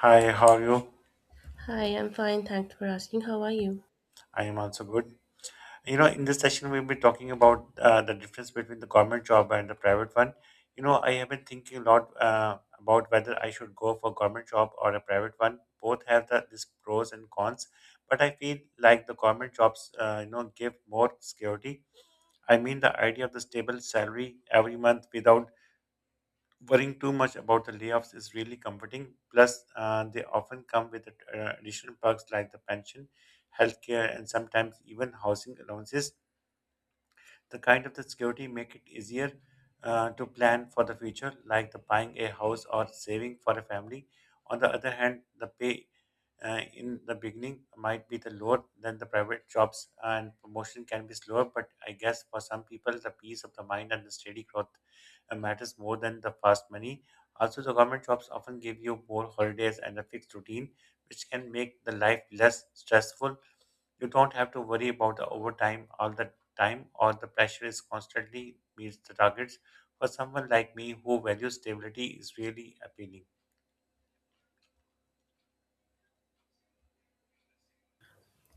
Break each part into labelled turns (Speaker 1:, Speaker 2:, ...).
Speaker 1: Hi, how are you?
Speaker 2: Hi, I'm fine. Thanks for asking. How are you?
Speaker 1: I am also good. You know, in this session, we'll be talking about the difference between the government job and the private one. You know, I have been thinking a lot about whether I should go for government job or a private one. Both have the this pros and cons, but I feel like the government jobs, give more security. I mean, the idea of the stable salary every month without worrying too much about the layoffs is really comforting. Plus, they often come with additional perks like the pension, healthcare, and sometimes even housing allowances. The kind of the security make it easier to plan for the future, like the buying a house or saving for a family. On the other hand, the pay in the beginning might be the lower than the private jobs, and promotion can be slower. But I guess for some people, the peace of the mind and the steady growth matters more than the fast money. Also, the government jobs often give you more holidays and a fixed routine, which can make the life less stressful. You don't have to worry about the overtime all the time, or the pressure is constantly meets the targets. For someone like me who values stability, is really appealing.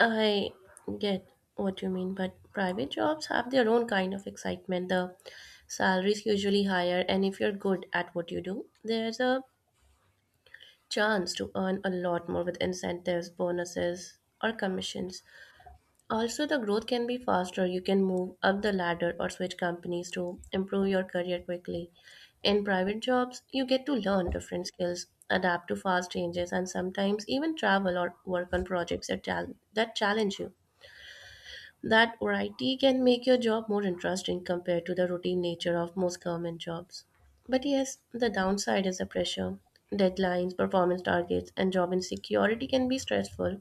Speaker 2: I get what you mean, but private jobs have their own kind of excitement. The salaries usually higher, and if you're good at what you do, there's a chance to earn a lot more with incentives, bonuses, or commissions. Also, the growth can be faster. You can move up the ladder or switch companies to improve your career quickly. In private jobs, you get to learn different skills, adapt to fast changes, and sometimes even travel or work on projects that challenge you. That variety can make your job more interesting compared to the routine nature of most government jobs. But yes, the downside is the pressure. Deadlines, performance targets, and job insecurity can be stressful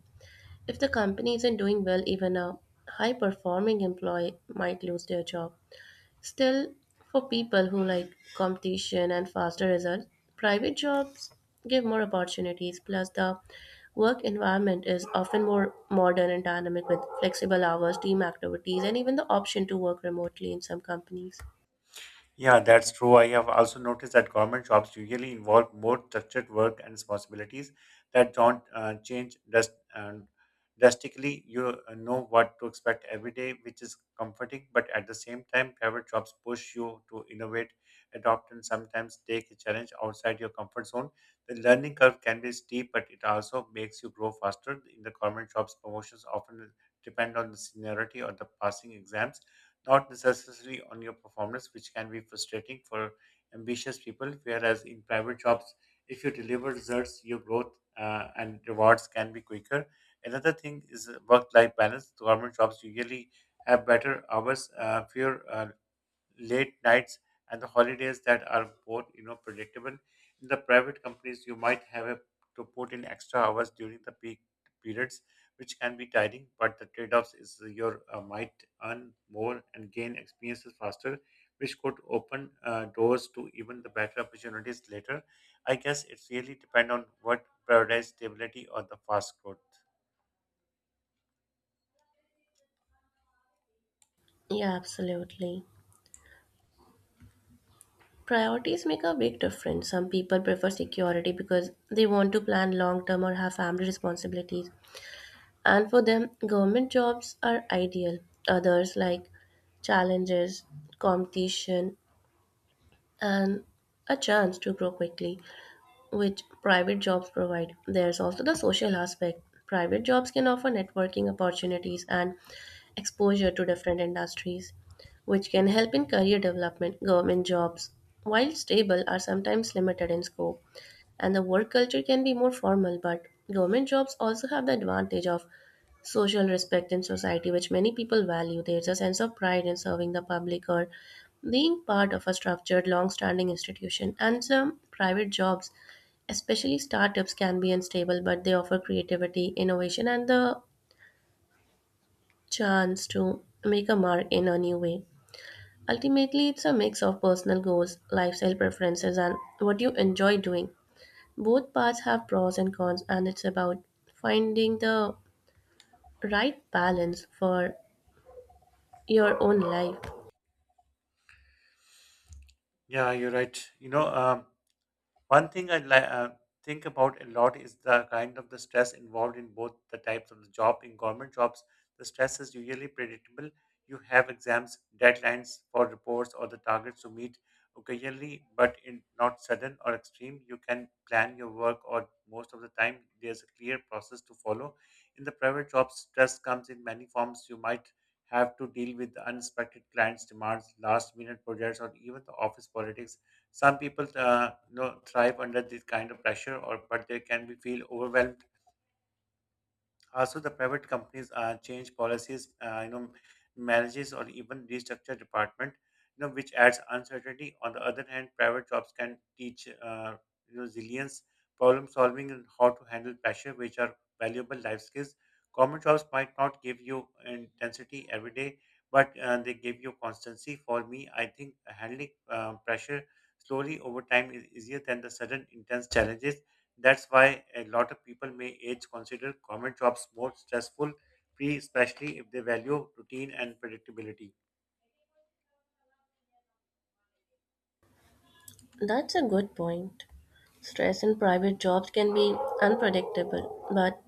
Speaker 2: if the company isn't doing well, even a high performing employee might lose their job. Still, for people who like competition and faster results, private jobs give more opportunities. Plus, the work environment is often more modern and dynamic with flexible hours, team activities, and even the option to work remotely in some companies.
Speaker 1: Yeah, that's true. I have also noticed that government jobs usually involve more structured work and responsibilities that don't change drastically. You know what to expect every day, which is comforting, but at the same time, private jobs push you to innovate, adopt, and sometimes take a challenge outside your comfort zone. The learning curve can be steep, but it also makes you grow faster. In the government jobs, promotions often depend on the seniority or the passing exams not necessarily on your performance, which can be frustrating for ambitious people. Whereas in private jobs, if you deliver results, your growth and rewards can be quicker. Another thing is work life balance. The government jobs usually have better hours, fewer late nights and the holidays that are both you know predictable in the private companies you might have a, to put in extra hours during the peak periods which can be tiring but the trade-offs is you might earn more and gain experiences faster which could open doors to even the better opportunities later. I guess it really depends on what prioritize stability or the fast growth.
Speaker 2: Yeah, absolutely. Priorities make a big difference. Some people prefer security because they want to plan long term or have family responsibilities. And for them, government jobs are ideal. Others like challenges, competition, and a chance to grow quickly, which private jobs provide. There's also the social aspect. Private jobs can offer networking opportunities and exposure to different industries, which can help in career development. Government jobs, while stable, are sometimes limited in scope and the work culture can be more formal, but government jobs also have the advantage of social respect in society, which many people value. There's a sense of pride in serving the public or being part of a structured, long-standing institution. And some private jobs, especially startups, can be unstable, but they offer creativity, innovation, and the chance to make a mark in a new way. Ultimately, it's a mix of personal goals, lifestyle preferences, and what you enjoy doing. Both paths have pros and cons, and it's about finding the right balance for your own life.
Speaker 1: Yeah, you're right, you know. Um, One thing I li- uh, think about a lot is the kind of the stress involved in both the types of the job. In government jobs, the stress is usually predictable. You have exams, deadlines for reports, or the targets to meet occasionally, but in not sudden or extreme. You can plan your work, or most of the time, there's a clear process to follow. In the private jobs, stress comes in many forms. You might have to deal with unexpected clients' demands, last minute projects, or even the office politics. Some people thrive under this kind of pressure, or but they can be feel overwhelmed. Also, the private companies change policies, manages or even restructure department, you know, which adds uncertainty. On the other hand, private jobs can teach resilience, problem solving, and how to handle pressure, which are valuable life skills. Government jobs might not give you intensity every day, but they give you constancy. For me, I think handling pressure slowly over time is easier than the sudden intense challenges. That's why a lot of people may age consider government jobs more stressful, free, especially if they value routine and predictability.
Speaker 2: That's a good point. Stress in private jobs can be unpredictable, but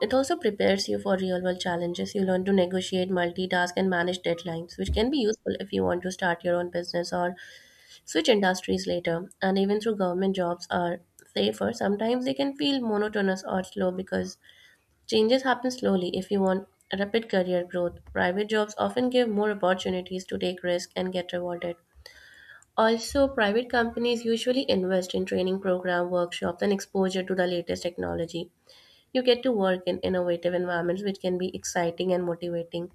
Speaker 2: it also prepares you for real world challenges. You learn to negotiate, multitask, and manage deadlines, which can be useful if you want to start your own business or switch industries later. And even though government jobs are safer, sometimes they can feel monotonous or slow, because changes happen slowly. If you want rapid career growth, private jobs often give more opportunities to take risks and get rewarded. Also, private companies usually invest in training program, workshops, and exposure to the latest technology. You get to work in innovative environments, which can be exciting and motivating.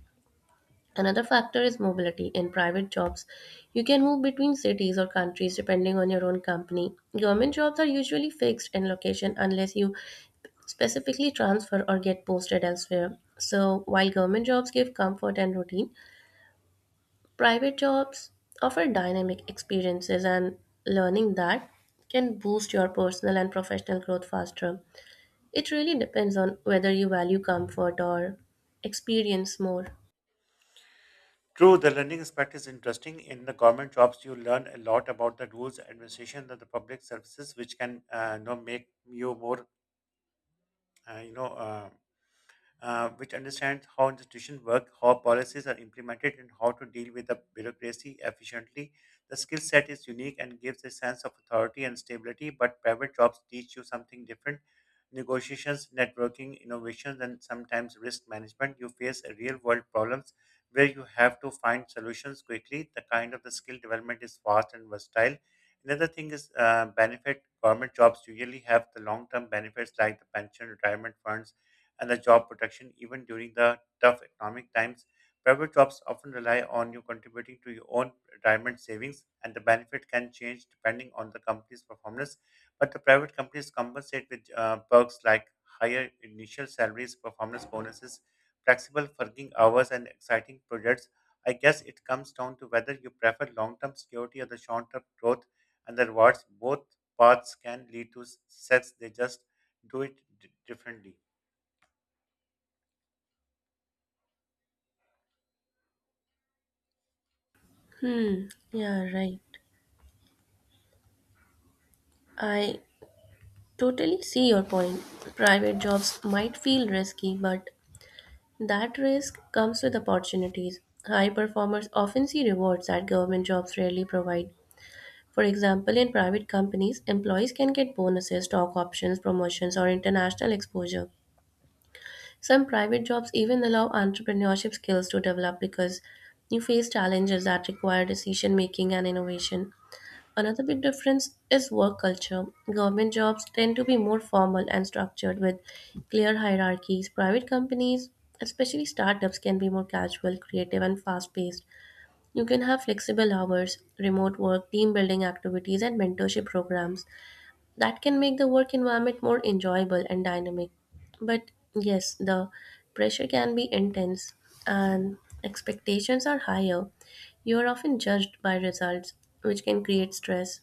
Speaker 2: Another factor is mobility. In private jobs, you can move between cities or countries depending on your own company. Government jobs are usually fixed in location unless you specifically transfer or get posted elsewhere. So, while government jobs give comfort and routine, private jobs offer dynamic experiences and learning that can boost your personal and professional growth faster. It really depends on whether you value comfort or experience more.
Speaker 1: True, the learning aspect is interesting. In the government jobs, you learn a lot about the rules, administration, of the public services, which can make you more, uh, you know, uh, which understands how institutions work, how policies are implemented, and how to deal with the bureaucracy efficiently. The skill set is unique and gives a sense of authority and stability, but private jobs teach you something different. Negotiations, networking, innovations, and sometimes risk management. You face real world problems where you have to find solutions quickly. The kind of the skill development is fast and versatile. Another thing is benefit. Government jobs usually have the long term benefits like the pension, retirement funds, and the job protection even during the tough economic times. Private jobs often rely on you contributing to your own retirement savings, and the benefit can change depending on the company's performance. But the private companies compensate with perks like higher initial salaries, performance bonuses, flexible working hours, and exciting projects. I guess it comes down to whether you prefer long term security or the short term growth and the rewards. Both paths can lead to success, they just do differently.
Speaker 2: Hmm, yeah, right. I totally see your point. Private jobs might feel risky, but that risk comes with opportunities. High performers often see rewards that government jobs rarely provide. For example, in private companies, employees can get bonuses, stock options, promotions, or international exposure. Some private jobs even allow entrepreneurship skills to develop because you face challenges that require decision making and innovation. Another big difference is work culture. Government jobs tend to be more formal and structured with clear hierarchies. Private companies, especially startups, can be more casual, creative, and fast paced. You can have flexible hours, remote work, team building activities, and mentorship programs that can make the work environment more enjoyable and dynamic. But yes, the pressure can be intense and expectations are higher. You are often judged by results, which can create stress.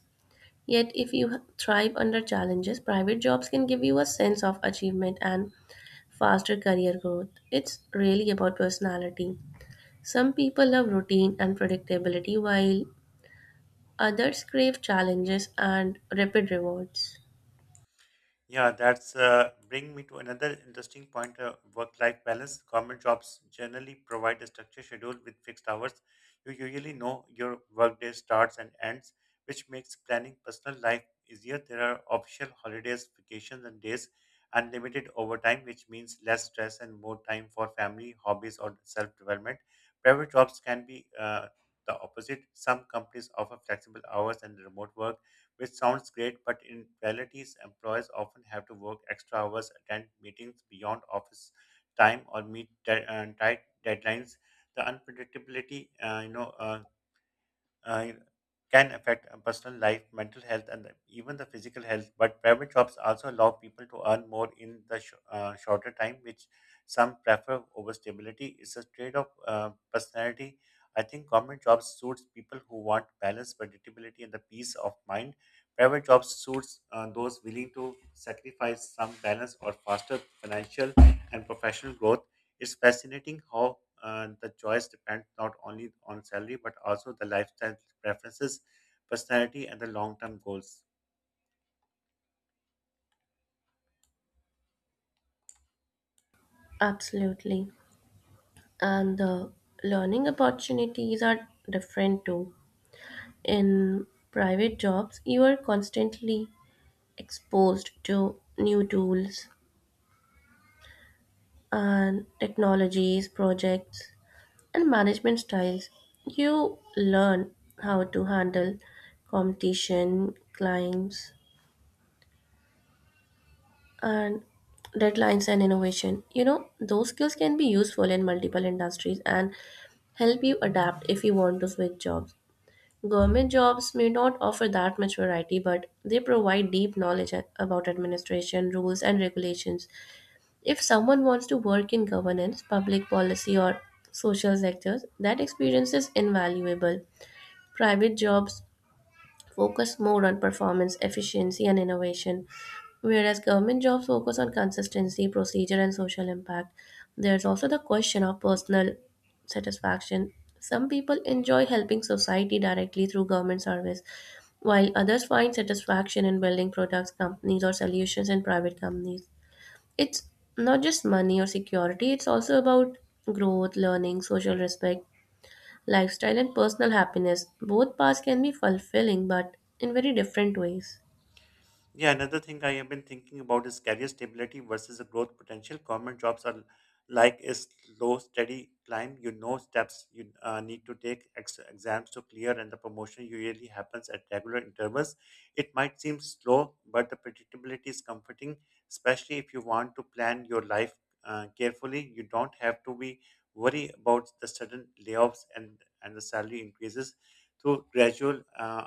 Speaker 2: Yet, if you thrive under challenges, private jobs can give you a sense of achievement and faster career growth. It's really about personality. Some people love routine and predictability, while others crave challenges and rapid rewards.
Speaker 1: Yeah, that's bring me to another interesting point. Work-life balance. Government jobs generally provide a structured schedule with fixed hours. You usually know your workday starts and ends, which makes planning personal life easier. There are official holidays, vacations, and days, unlimited overtime, which means less stress and more time for family, hobbies, or self-development. Private jobs can be the opposite. Some companies offer flexible hours and remote work which sounds great, but in reality, employers often have to work extra hours, attend meetings beyond office time, or meet tight deadlines. The unpredictability, uh, can affect a personal life, mental health, and even the physical health. But private jobs also allow people to earn more in the shorter time, which some prefer over stability. It's a trade of personality. I think government jobs suits people who want balance, predictability, and the peace of mind. Private jobs suits those willing to sacrifice some balance or faster financial and professional growth. It's fascinating how the choice depends not only on salary but also the lifestyle preferences, personality, and the long term goals.
Speaker 2: Absolutely. And the learning opportunities are different too. In private jobs, you are constantly exposed to new tools and technologies, projects, and management styles. You learn how to handle competition, clients, and deadlines and innovation. You know, those skills can be useful in multiple industries and help you adapt if you want to switch jobs. Government jobs may not offer that much variety, but they provide deep knowledge about administration, rules, and regulations. If someone wants to work in governance, public policy, or social sectors, that experience is invaluable. Private jobs focus more on performance, efficiency, and innovation, whereas government jobs focus on consistency, procedure, and social impact. There's also the question of personal satisfaction. Some people enjoy helping society directly through government service, while others find satisfaction in building products, companies, or solutions in private companies. It's not just money or security, it's also about growth, learning, social respect, lifestyle and personal happiness. Both paths can be fulfilling, but in very different ways.
Speaker 1: Yeah, another thing I have been thinking about is career stability versus the growth potential. Government jobs are like a slow, steady climb. You know steps you need to take, exams to clear, and the promotion usually happens at regular intervals. It might seem slow, but the predictability is comforting, especially if you want to plan your life carefully. You don't have to be worry about the sudden layoffs and the salary increases. Through gradual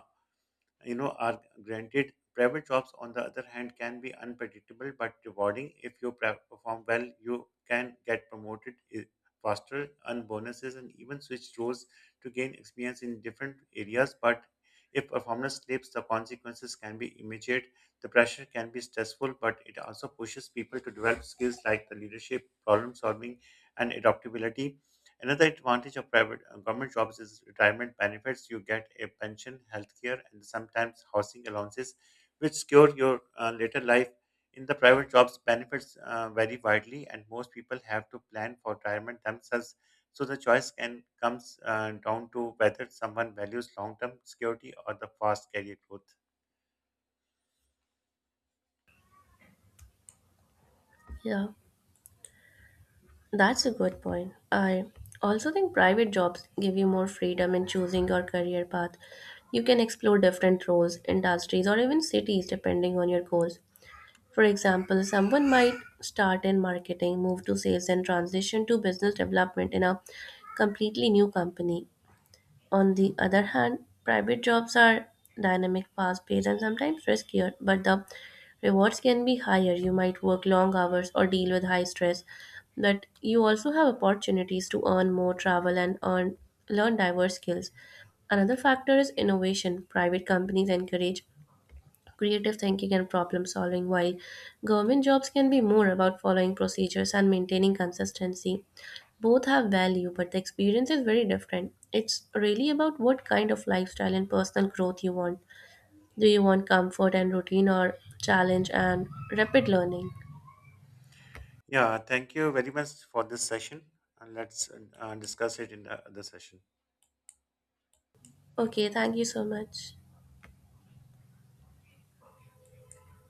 Speaker 1: you know are granted. Private jobs on the other hand can be unpredictable but rewarding. If you perform well you can get promoted faster, earn bonuses and even switch roles to gain experience in different areas. But if performance slips the consequences can be immediate. The pressure can be stressful but it also pushes people to develop skills like the leadership, problem solving and adaptability. Another advantage of private government jobs is retirement benefits. You get a pension, healthcare, and sometimes housing allowances, which secure your later life. In the private jobs, benefits vary widely, and most people have to plan for retirement themselves. So the choice can comes down to whether someone values long-term security or the fast career growth.
Speaker 2: Yeah, that's a good point. I also think private jobs give you more freedom in choosing your career path. You can explore different roles, industries, or even cities depending on your goals. For example, someone might start in marketing, move to sales, and transition to business development in a completely new company. On the other hand, private jobs are dynamic, fast paced, and sometimes riskier, but the rewards can be higher. You might work long hours or deal with high stress, but you also have opportunities to earn more, travel, and earn, learn diverse skills. Another factor is innovation. Private companies encourage creative thinking and problem solving, while government jobs can be more about following procedures and maintaining consistency. Both have value, but the experience is very different. It's really about what kind of lifestyle and personal growth you want. Do you want comfort and routine, or challenge and rapid learning?
Speaker 1: Yeah, thank you very much for this session, and let's discuss it in the other session.
Speaker 2: Okay, thank you so much.